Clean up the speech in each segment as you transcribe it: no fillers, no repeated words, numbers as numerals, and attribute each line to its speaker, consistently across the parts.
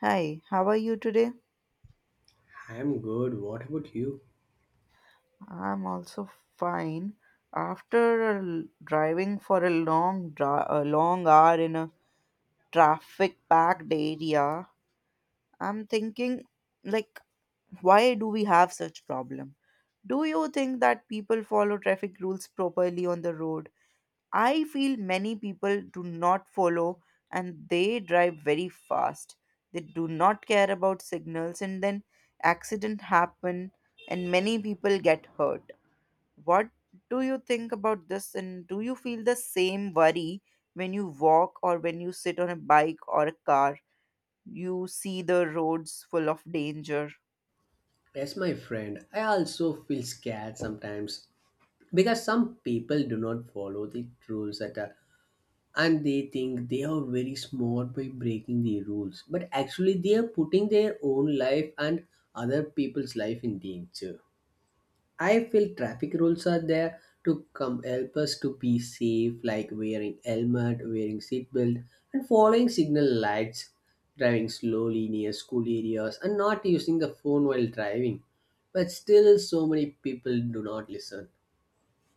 Speaker 1: Hi, how are you today?
Speaker 2: I'm good. What about you?
Speaker 1: I'm also fine. After driving for a a long hour in a traffic packed area, I'm thinking like why do we have such problem? Do you think that people follow traffic rules properly on the road? I feel many people do not follow and they drive very fast. They do not care about signals and then accident happen and many people get hurt. What do you think about this and do you feel the same worry when you walk or when you sit on a bike or a car? You see the roads full of danger.
Speaker 2: Yes, my friend. I also feel scared sometimes because some people do not follow the rules at all, and they think they are very smart by breaking the rules, but actually, they are putting their own life and other people's life in danger. I feel traffic rules are there to come help us to be safe, like wearing helmet, wearing seatbelt, and following signal lights, driving slowly near school areas, and not using the phone while driving. But still, so many people do not listen.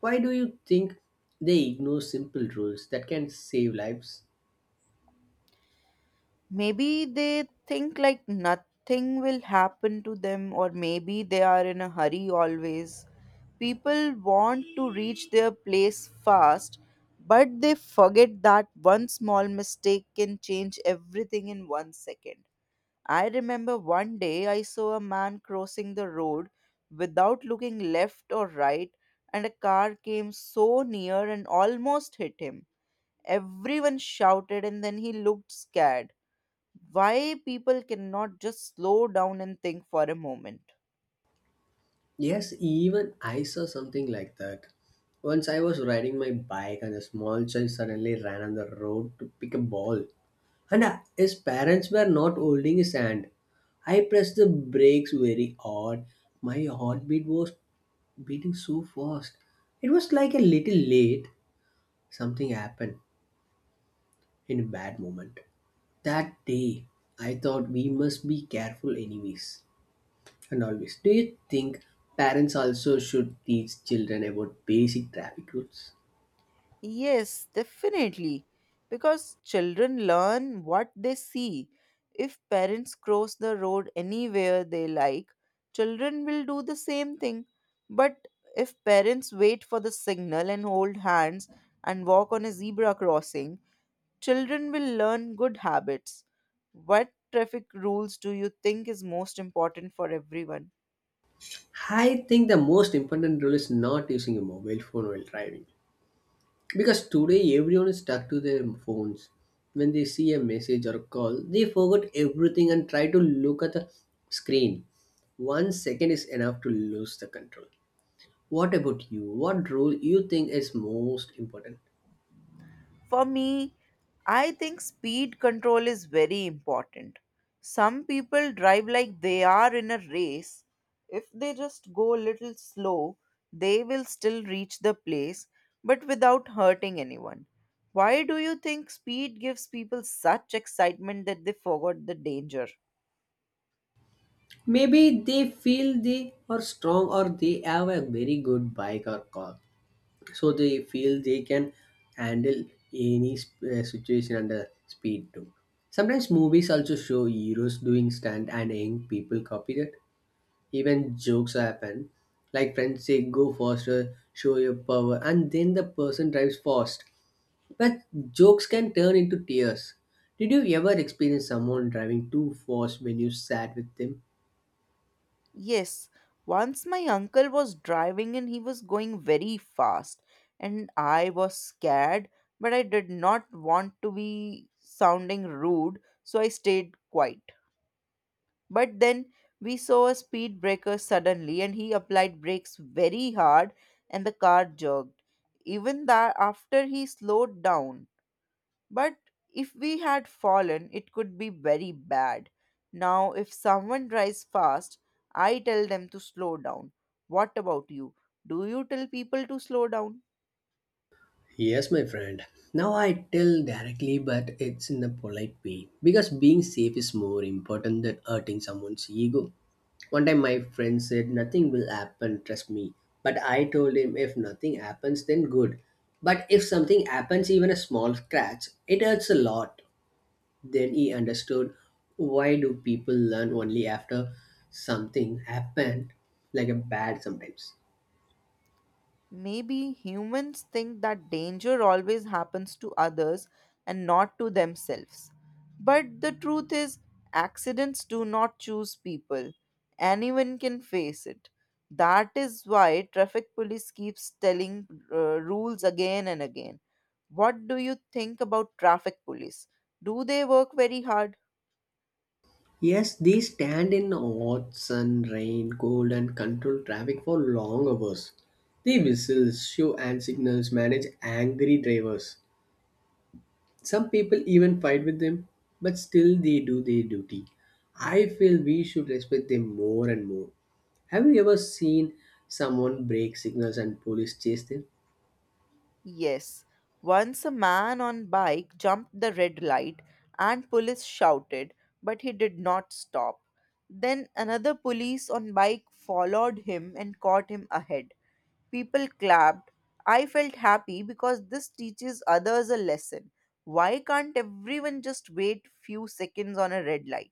Speaker 2: Why do you think they ignore simple rules that can save lives?
Speaker 1: Maybe they think like nothing will happen to them, or maybe they are in a hurry always. People want to reach their place fast, but they forget that one small mistake can change everything in one second. I remember one day I saw a man crossing the road without looking left or right, and a car came so near and almost hit him. Everyone shouted and then he looked scared. Why people cannot just slow down and think for a moment?
Speaker 2: Yes, even I saw something like that. Once I was riding my bike and a small child suddenly ran on the road to pick a ball. And his parents were not holding his hand. I pressed the brakes very hard. My heartbeat was beating so fast. It was like a little late. Something happened in a bad moment. That day, I thought we must be careful, anyways. And always. Do you think parents also should teach children about basic traffic rules?
Speaker 1: Yes, definitely. Because children learn what they see. If parents cross the road anywhere they like, children will do the same thing. But if parents wait for the signal and hold hands and walk on a zebra crossing, children will learn good habits. What traffic rules do you think is most important for everyone?
Speaker 2: I think the most important rule is not using a mobile phone while driving. Because today everyone is stuck to their phones. When they see a message or a call, they forget everything and try to look at the screen. One second is enough to lose the control. What about you? What role you think is most important?
Speaker 1: For me, I think speed control is very important. Some people drive like they are in a race. If they just go a little slow, they will still reach the place but without hurting anyone. Why do you think speed gives people such excitement that they forgot the danger?
Speaker 2: Maybe they feel they are strong or they have a very good bike or car. So they feel they can handle any situation under speed too. Sometimes movies also show heroes doing stunt and young people copy that. Even jokes happen, like friends say go faster, show your power, and then the person drives fast, but jokes can turn into tears. Did you ever experience someone driving too fast when you sat with them?
Speaker 1: Yes, once my uncle was driving and he was going very fast, and I was scared, but I did not want to be sounding rude, so I stayed quiet. But then we saw a speed breaker suddenly, and he applied brakes very hard, and the car jerked. Even that, after he slowed down, but if we had fallen, it could be very bad. Now, if someone drives fast, I tell them to slow down. What about you? Do you tell people to slow down?
Speaker 2: Yes, my friend. Now I tell directly, but it's in a polite way. Because being safe is more important than hurting someone's ego. One time my friend said, "Nothing will happen, trust me." But I told him, "If nothing happens, then good. But if something happens, even a small scratch, it hurts a lot." Then he understood. Why do people learn only after something happened, like a bad sometimes?
Speaker 1: Maybe humans think that danger always happens to others and not to themselves. But the truth is, accidents do not choose people. Anyone can face it. That is why traffic police keeps telling rules again and again. What do you think about traffic police? Do they work very hard?
Speaker 2: Yes, they stand in hot sun, rain, cold, and control traffic for long hours. They whistle, show and signals, manage angry drivers. Some people even fight with them, but still they do their duty. I feel we should respect them more and more. Have you ever seen someone break signals and police chase them?
Speaker 1: Yes, once a man on bike jumped the red light and police shouted, but he did not stop. Then another police on bike followed him and caught him ahead. People clapped. I felt happy because this teaches others a lesson. Why can't everyone just wait few seconds on a red light?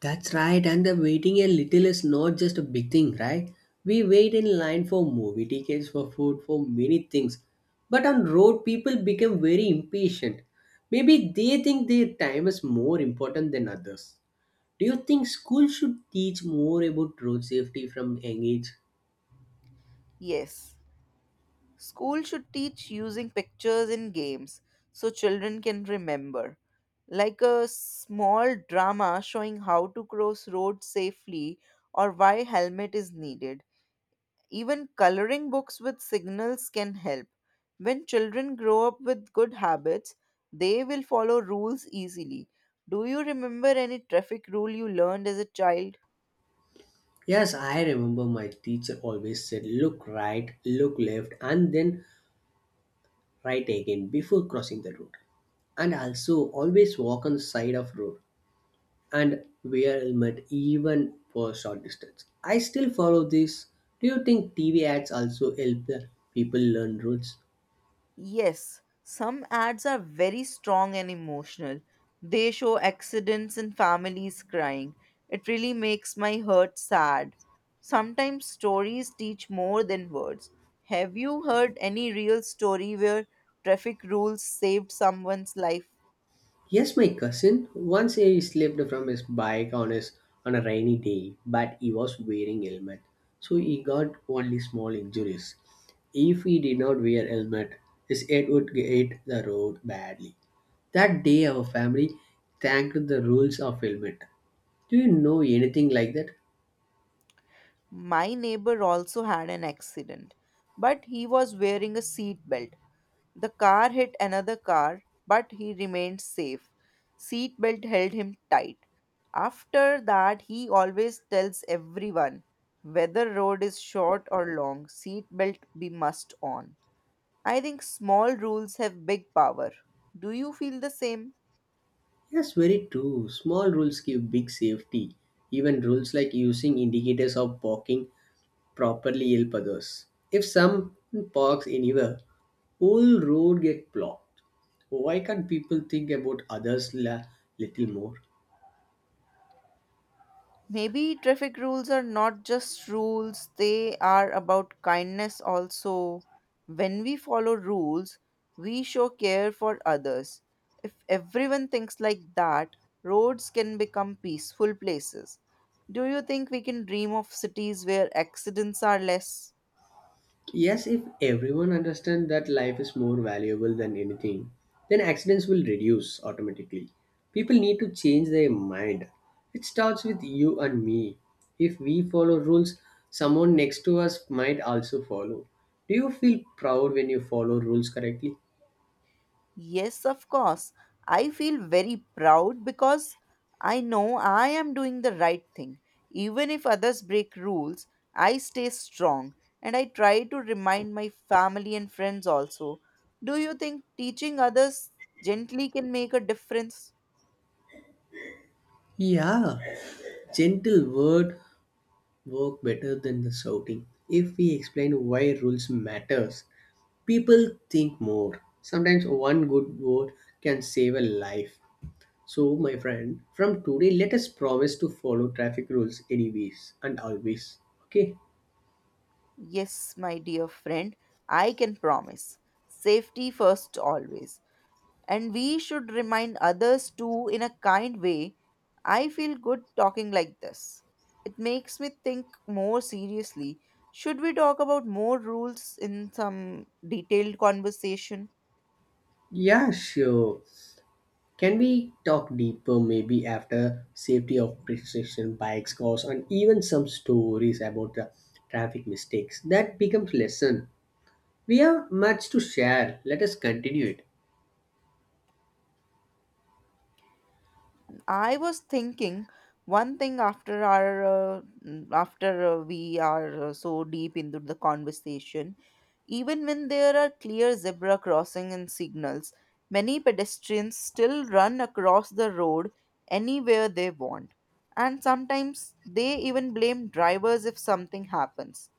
Speaker 2: That's right, and the waiting a little is not just a big thing, right? We wait in line for movie tickets, for food, for many things. But on road, people become very impatient. Maybe they think their time is more important than others. Do you think school should teach more about road safety from young age?
Speaker 1: Yes. School should teach using pictures in games so children can remember, like a small drama showing how to cross roads safely or why helmet is needed. Even coloring books with signals can help. When children grow up with good habits, they will follow rules easily. Do you remember any traffic rule you learned as a child?
Speaker 2: Yes, I remember my teacher always said, look right, look left, and then right again before crossing the road. And also always walk on the side of road and wear helmet even for short distance. I still follow this. Do you think TV ads also help the people learn routes?
Speaker 1: Yes, some ads are very strong and emotional. They show accidents and families crying. It really makes my heart sad. Sometimes stories teach more than words. Have you heard any real story where traffic rules saved someone's life?
Speaker 2: Yes, my cousin once he slipped from his bike on his on a rainy day, but he was wearing helmet, so he got only small injuries. If he did not wear helmet, his head would hit the road badly. That day, our family thanked the rules of helmet. Do you know anything like that?
Speaker 1: My neighbor also had an accident, but he was wearing a seat belt. The car hit another car, but he remained safe. Seatbelt held him tight. After that, he always tells everyone whether road is short or long, seatbelt be must on. I think small rules have big power. Do you feel the same?
Speaker 2: Yes, very true. Small rules give big safety. Even rules like using indicators of parking properly help others. If someone parks anywhere, whole road get blocked. Why can't people think about others little more?
Speaker 1: Maybe traffic rules are not just rules, they are about kindness also. When we follow rules, we show care for others. If everyone thinks like that, roads can become peaceful places. Do you think we can dream of cities where accidents are less?
Speaker 2: Yes, if everyone understands that life is more valuable than anything, then accidents will reduce automatically. People need to change their mind. It starts with you and me. If we follow rules, someone next to us might also follow. Do you feel proud when you follow rules correctly?
Speaker 1: Yes, of course. I feel very proud because I know I am doing the right thing. Even if others break rules, I stay strong and I try to remind my family and friends also. Do you think teaching others gently can make a difference?
Speaker 2: Yeah, gentle word work better than the shouting. If we explain why rules matters, people think more. Sometimes one good word can save a life. So, my friend, from today, let us promise to follow traffic rules anyways and always. Okay?
Speaker 1: Yes, my dear friend, I can promise. Safety first always, and we should remind others too in a kind way. I feel good talking like this. It makes me think more seriously. Should we talk about more rules in some detailed conversation?
Speaker 2: Yeah, sure. Can we talk deeper maybe after safety of precision bikes, cars, and even some stories about the traffic mistakes that becomes lesson. We have much to share. Let us continue it.
Speaker 1: I was thinking one thing after our mm, after we are so deep into the conversation, even when there are clear zebra crossing and signals, many pedestrians still run across the road anywhere they want, and sometimes they even blame drivers if something happens.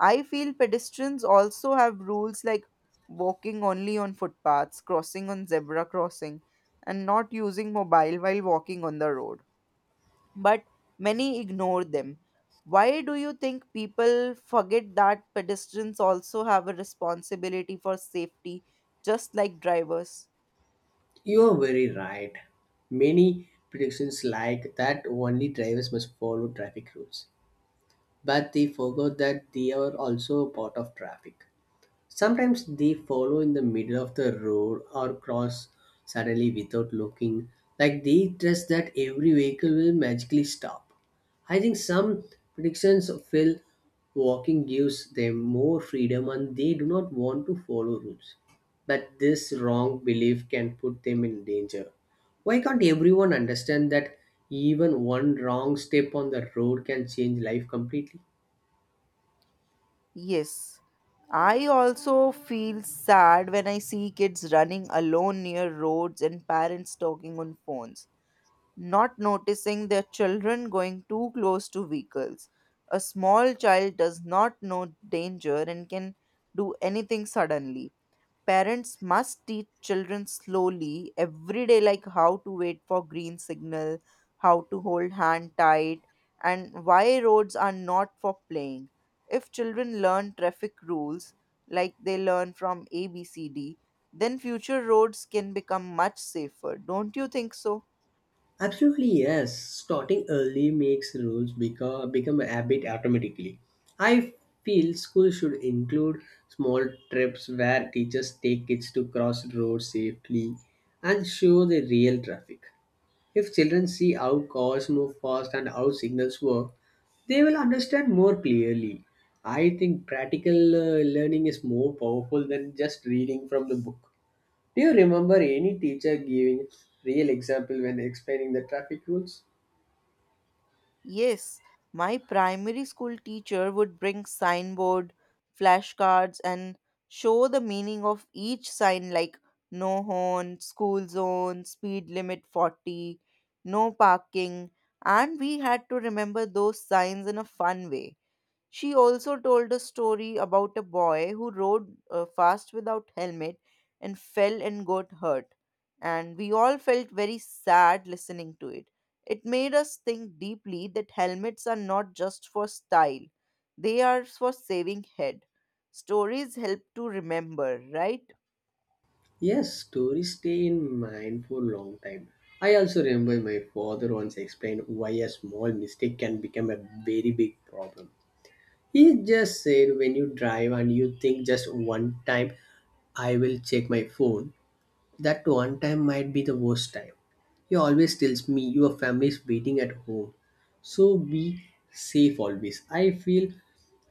Speaker 1: I feel pedestrians also have rules like walking only on footpaths, crossing on zebra crossing, and not using mobile while walking on the road. But many ignore them. Why do you think people forget that pedestrians also have a responsibility for safety, just like drivers?
Speaker 2: You are very right. Many predictions like that only drivers must follow traffic rules, but they forgot that they are also a part of traffic. Sometimes they follow in the middle of the road or cross suddenly without looking, like they trust that every vehicle will magically stop. I think some predictions feel walking gives them more freedom and they do not want to follow rules. But this wrong belief can put them in danger. Why can't everyone understand that even one wrong step on the road can change life completely?
Speaker 1: Yes. I also feel sad when I see kids running alone near roads and parents talking on phones, not noticing their children going too close to vehicles. A small child does not know danger and can do anything suddenly. Parents must teach children slowly every day, like how to wait for green signal, how to hold hand tight, and why roads are not for playing. If children learn traffic rules like they learn from ABCD, then future roads can become much safer. Don't you think so?
Speaker 2: Absolutely, yes. Starting early makes rules become a habit automatically. I feel school should include small trips where teachers take kids to cross roads safely and show the real traffic. If children see how cars move fast and how signals work, they will understand more clearly. I think practical learning is more powerful than just reading from the book. Do you remember any teacher giving real example when explaining the traffic rules?
Speaker 1: Yes, my primary school teacher would bring signboard, flashcards, and show the meaning of each sign like no horn, school zone, speed limit 40, no parking, and we had to remember those signs in a fun way. She also told a story about a boy who rode fast without helmet and fell and got hurt. And we all felt very sad listening to it. It made us think deeply that helmets are not just for style, they are for saving head. Stories help to remember, right?
Speaker 2: Yes, stories stay in mind for long time. I also remember my father once explained why a small mistake can become a very big problem. He just said when you drive and you think just one time, "I will check my phone," that one time might be the worst time. He always tells me your family is waiting at home. So be safe always. I feel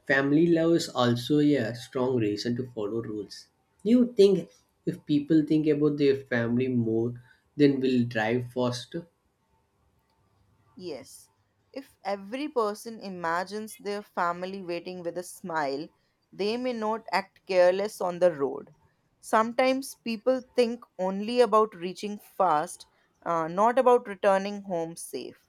Speaker 2: family love is also a strong reason to follow rules. You think if people think about their family more, then will drive faster?
Speaker 1: Yes, if every person imagines their family waiting with a smile, they may not act careless on the road. Sometimes people think only about reaching fast, not about returning home safe.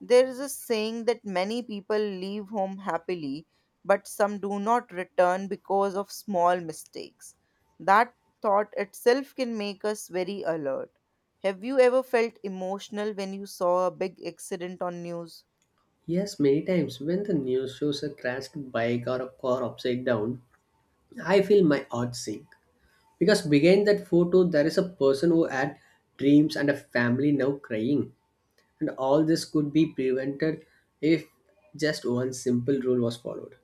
Speaker 1: There is a saying that many people leave home happily, but some do not return because of small mistakes. That thought itself can make us very alert. Have you ever felt emotional when you saw a big accident on news?
Speaker 2: Yes, many times when the news shows a crashed bike or a car upside down, I feel my heart sink. Because behind that photo, there is a person who had dreams and a family now crying. And all this could be prevented if just one simple rule was followed.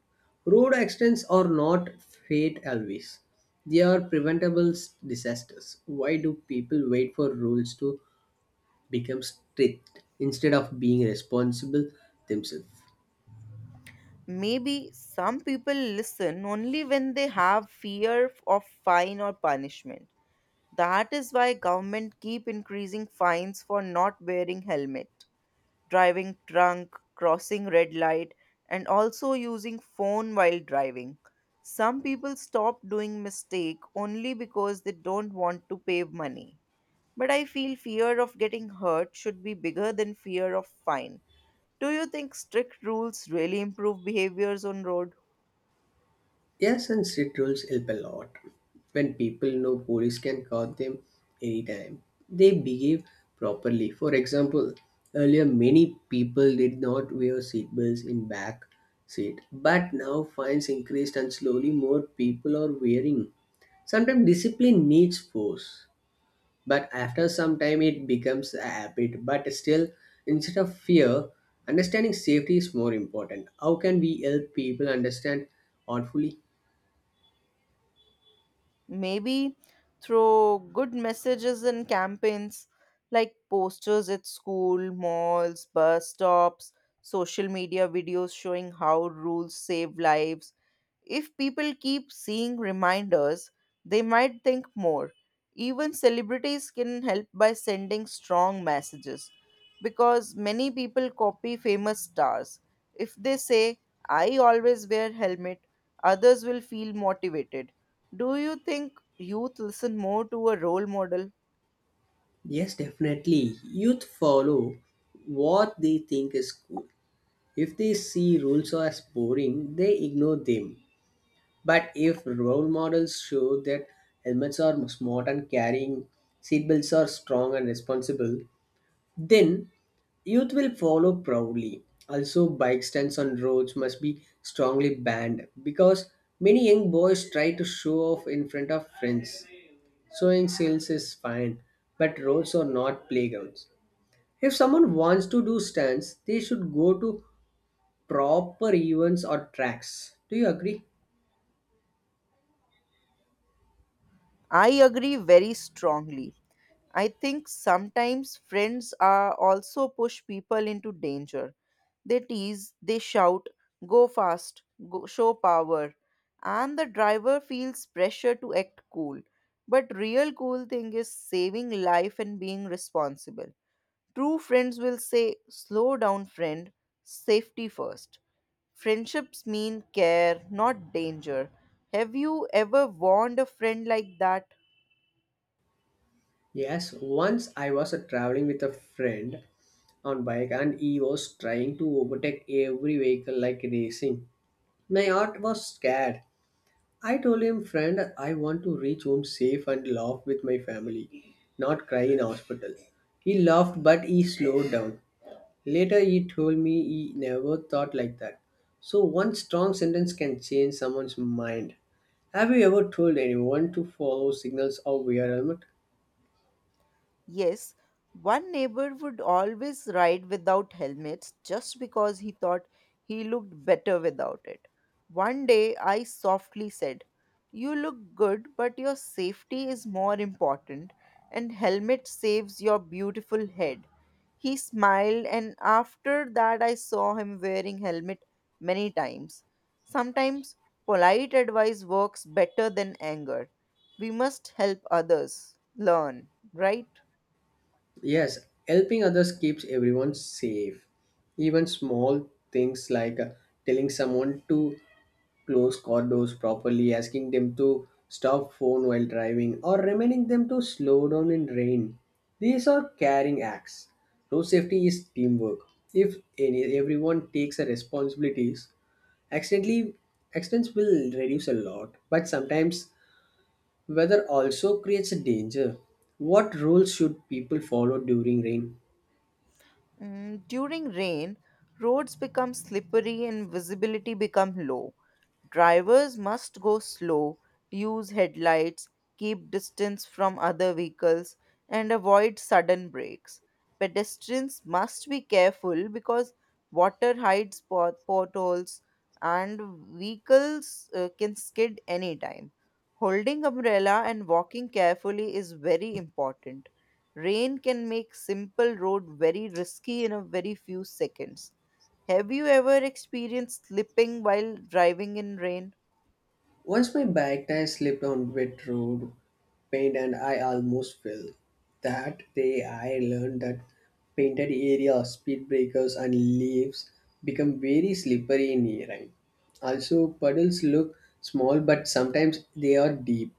Speaker 2: Road accidents are not fate always. They are preventable disasters. Why do people wait for rules to become strict instead of being responsible themselves?
Speaker 1: Maybe some people listen only when they have fear of fine or punishment. That is why government keep increasing fines for not wearing helmet, driving drunk, crossing red light, and also using phone while driving. Some people stop doing mistake only because they don't want to pay money. But I feel fear of getting hurt should be bigger than fear of fine. Do you think strict rules really improve behaviors on road?
Speaker 2: Yes, and street rules help a lot. When people know police can catch them anytime, they behave properly. For example, earlier many people did not wear seatbelts in back seat, but now fines increased and slowly more people are wearing. Sometimes discipline needs force, but after some time it becomes a habit. But still, instead of fear, understanding safety is more important. How can we help people understand thoughtfully?
Speaker 1: Maybe through good messages and campaigns like posters at school, malls, bus stops, social media videos showing how rules save lives. If people keep seeing reminders, they might think more. Even celebrities can help by sending strong messages because many people copy famous stars. If they say, I always wear helmet, others will feel motivated. Do you think youth listen more to a role model?
Speaker 2: Yes, definitely. Youth follow what they think is cool. If they see rules as boring, they ignore them. But if role models show that helmets are smart and carrying, seatbelts are strong and responsible, then youth will follow proudly. Also, bike stands on roads must be strongly banned because many young boys try to show off in front of friends. Showing sales is fine, but roads are not playgrounds. If someone wants to do stunts, they should go to proper events or tracks. Do you agree?
Speaker 1: I agree very strongly. I think sometimes friends are also push people into danger. They tease, they shout, go fast, go, show power, and the driver feels pressure to act cool. But real cool thing is saving life and being responsible. True friends will say, slow down, friend, safety first. Friendships mean care, not danger. Have you ever warned a friend like that?
Speaker 2: Yes, once I was traveling with a friend on bike and he was trying to overtake every vehicle like racing. My heart was scared. I told him, "Friend, I want to reach home safe and laugh with my family, not cry in hospital." He laughed but he slowed down. Later, he told me he never thought like that. So, one strong sentence can change someone's mind. Have you ever told anyone to follow signals or wear helmet?
Speaker 1: Yes, one neighbor would always ride without helmets just because he thought he looked better without it. One day I softly said, You look good, but your safety is more important, and helmet saves your beautiful head. He smiled, and after that, I saw him wearing helmet many times. Sometimes polite advice works better than anger. We must help others learn, right?
Speaker 2: Yes, helping others keeps everyone safe. Even small things like telling someone to close car doors properly, asking them to stop phone while driving, or reminding them to slow down in rain. These are caring acts. Road safety is teamwork. If any, everyone takes the responsibilities, accidentally accidents will reduce a lot. But sometimes weather also creates a danger. What rules should people follow during rain?
Speaker 1: Mm, during rain, roads become slippery and visibility become low. Drivers must go slow, use headlights, keep distance from other vehicles, and avoid sudden brakes. Pedestrians must be careful because water hides potholes and vehicles can skid anytime. Holding umbrella and walking carefully is very important. Rain can make simple road very risky in a very few seconds. Have you ever experienced slipping while driving in rain?
Speaker 2: Once my bike tire slipped on wet road, paint and I almost fell. That day I learned that painted areas, speed breakers and leaves become very slippery in rain. Also puddles look small but sometimes they are deep.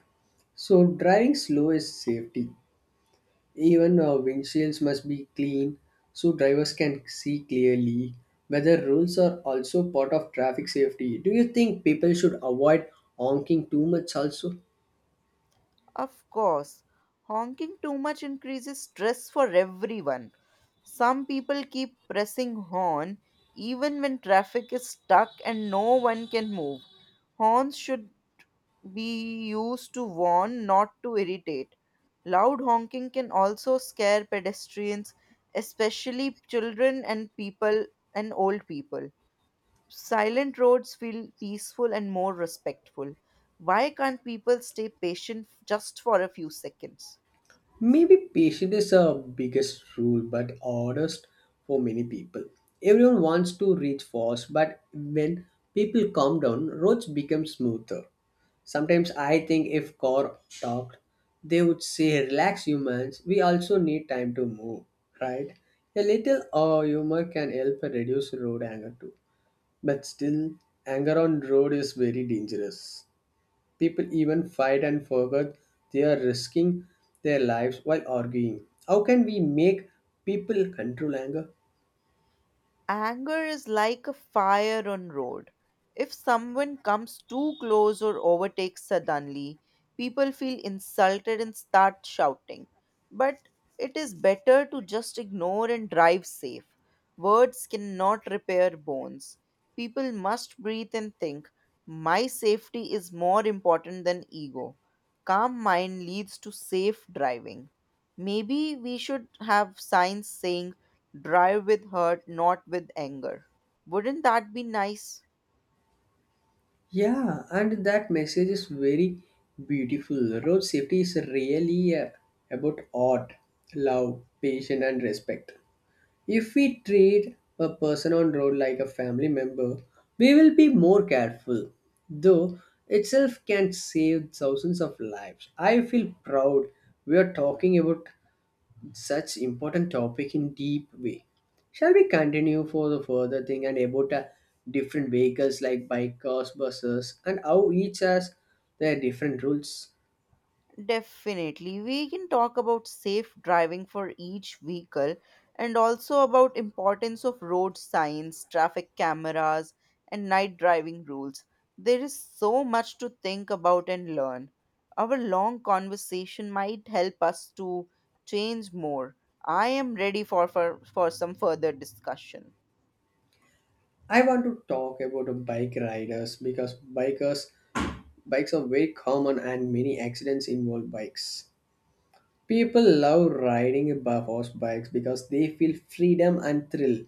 Speaker 2: So driving slow is safety. Even windshields must be clean so drivers can see clearly. Weather rules are also part of traffic safety. Do you think people should avoid honking too much also?
Speaker 1: Of course. Honking too much increases stress for everyone. Some people keep pressing horn even when traffic is stuck and no one can move. Horns should be used to warn, not to irritate. Loud honking can also scare pedestrians, especially children and people and old people. Silent roads feel peaceful and more respectful. Why can't people stay patient just for a few seconds?
Speaker 2: Maybe patience is a biggest rule, but hardest for many people. Everyone wants to reach fast, but when people calm down, roads become smoother. Sometimes I think if car talked, they would say, "Relax, humans. We also need time to move, right?" A little humor can help reduce road anger too. But still, anger on road is very dangerous. People even fight and forget they are risking their lives while arguing. How can we make people control anger?
Speaker 1: Anger is like a fire on road. If someone comes too close or overtakes suddenly, people feel insulted and start shouting. But it is better to just ignore and drive safe. Words cannot repair bones. People must breathe and think, my safety is more important than ego. Calm mind leads to safe driving. Maybe we should have signs saying Drive with hurt, not with anger. Wouldn't that be nice?
Speaker 2: Yeah, and that message is very beautiful. Road safety is really about art, love, patience, and respect. If we treat a person on road like a family member, we will be more careful. Though itself can save thousands of lives. I feel proud we are talking about such important topic in deep way. Shall we continue for the further thing and about different vehicles like bike, cars, buses, and how each has their different rules?
Speaker 1: Definitely. We can talk about safe driving for each vehicle and also about importance of road signs, traffic cameras, and night driving rules. There is so much to think about and learn. Our long conversation might help us to change more. I am ready for some further discussion.
Speaker 2: I want to talk about bike riders because bikers bikes are very common and many accidents involve bikes. People love riding by horsebikes because they feel freedom and thrill.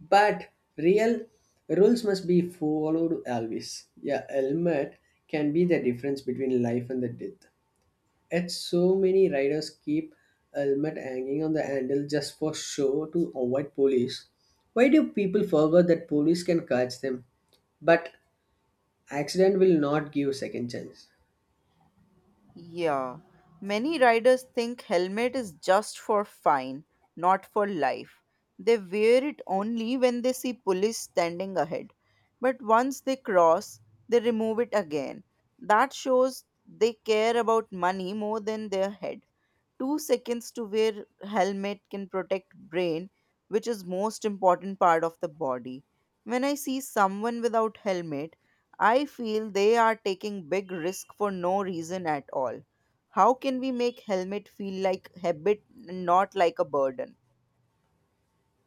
Speaker 2: But real rules must be followed always. Yeah, helmet can be the difference between life and the death. Yet so many riders keep helmet hanging on the handle just for show to avoid police. Why do people forget that police can catch them? But accident will not give second chance.
Speaker 1: Yeah, many riders think helmet is just for fine, not for life. They wear it only when they see police standing ahead. But once they cross, they remove it again. That shows they care about money more than their head. 2 seconds to wear helmet can protect brain, which is most important part of the body. When I see someone without helmet, I feel they are taking big risk for no reason at all. How can we make helmet feel like habit, not like a burden?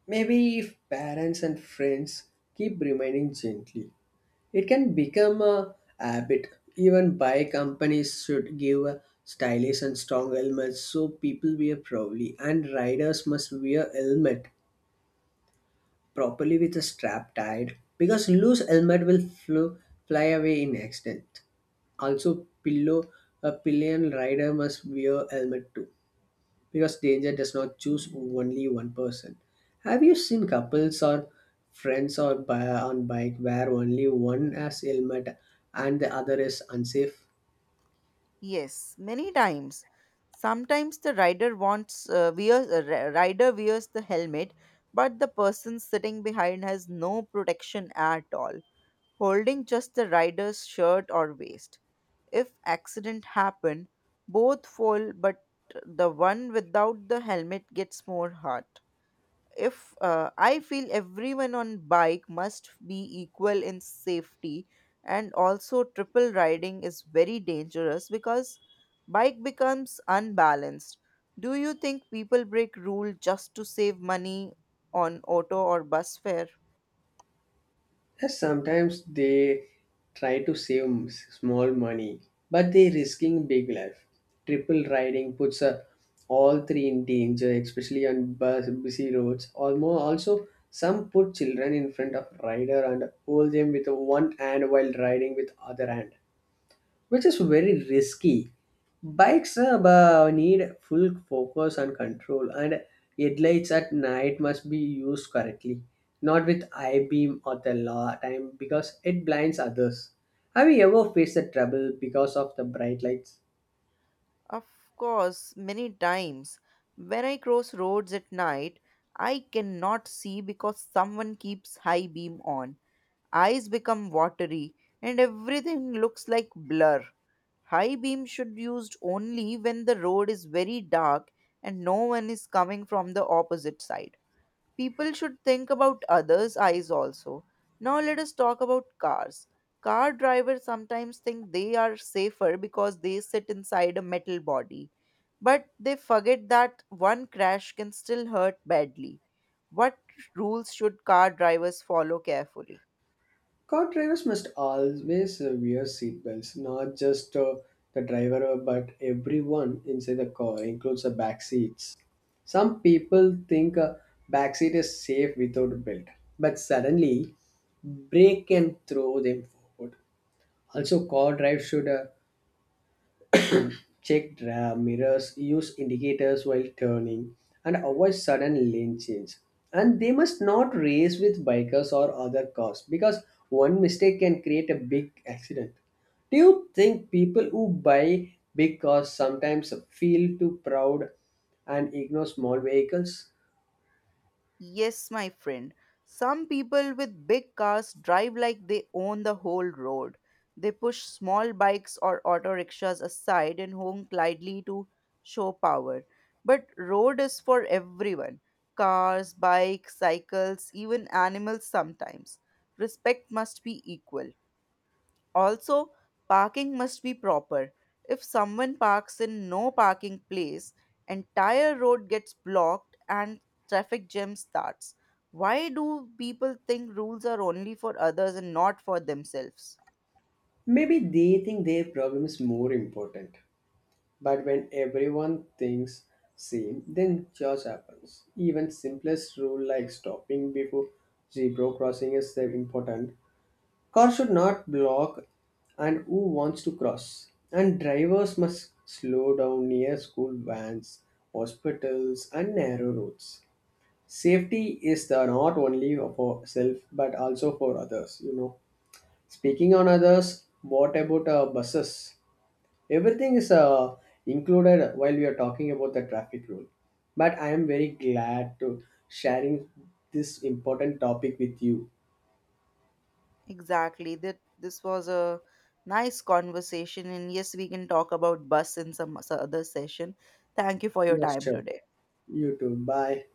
Speaker 2: Maybe if parents and friends keep reminding gently. It can become a habit. Even buy companies should give a stylish and strong helmets so people wear properly. And riders must wear helmet properly with a strap tied because loose fly away in accident. Also, pillow a pillion rider must wear helmet too because danger does not choose only one person. Have you seen couples or on bike where only one has helmet and the other is unsafe?
Speaker 1: Yes, many times. Sometimes the rider wears the helmet, but the person sitting behind has no protection at all, holding just the rider's shirt or waist. If accident happen, both fall, but the one without the helmet gets more hurt. If I feel everyone on bike must be equal in safety, and also triple riding is very dangerous because bike becomes unbalanced. Do you think people break rule just to save money on auto or bus fare?
Speaker 2: Yes, sometimes they try to save small money, but they risking big life. Triple riding puts all three in danger, especially on bus, busy roads. Almost also some put children in front of rider and hold them with one hand while riding with other hand. Which is very risky. Need full focus and control, and headlights at night must be used correctly, not with eye beam or the law time because it blinds others. Have you ever faced a trouble because of the bright lights?
Speaker 1: Of course, many times when I cross roads at night, I cannot see because someone keeps high beam on. Eyes become watery and everything looks like blur. High beam should used only when the road is very dark and no one is coming from the opposite side. People should think about others' eyes also. Now let us talk about cars. Car drivers sometimes think they are safer because they sit inside a metal body. But they forget that one crash can still hurt badly. What rules should car drivers follow carefully?
Speaker 2: Car drivers must always wear seat belts, not just the driver, but everyone inside the car, includes the back seats. Some people think a back seat is safe without a belt, but suddenly brake can throw them forward. Also, car drive should check RAM, mirrors, use indicators while turning, and avoid sudden lane change. And they must not race with bikers or other cars because one mistake can create a big accident. Do you think people who buy big cars sometimes feel too proud and ignore small vehicles?
Speaker 1: Yes, my friend. Some people with big cars drive like they own the whole road. They push small bikes or auto rickshaws aside and honk loudly to show power. But road is for everyone. Cars, bikes, cycles, even animals sometimes. Respect must be equal. Also, parking must be proper. If someone parks in no parking place, entire road gets blocked and traffic jam starts. Why do people think rules are only for others and not for themselves?
Speaker 2: Maybe they think their problem is more important. But when everyone thinks same, then chaos happens. Even simplest rule like stopping before zebra crossing is very important. Car should not block and who wants to cross. And drivers must slow down near school vans, hospitals and narrow roads. Safety is the not only for self but also for others, you know. Speaking on others, what about buses? Everything is included while we are talking about the traffic rule. But I am very glad to sharing this important topic with you.
Speaker 1: Exactly. That this was a nice conversation and yes, we can talk about bus in some other session. Thank you for your
Speaker 2: Yes,
Speaker 1: time
Speaker 2: sure.
Speaker 1: today.
Speaker 2: You too. Bye.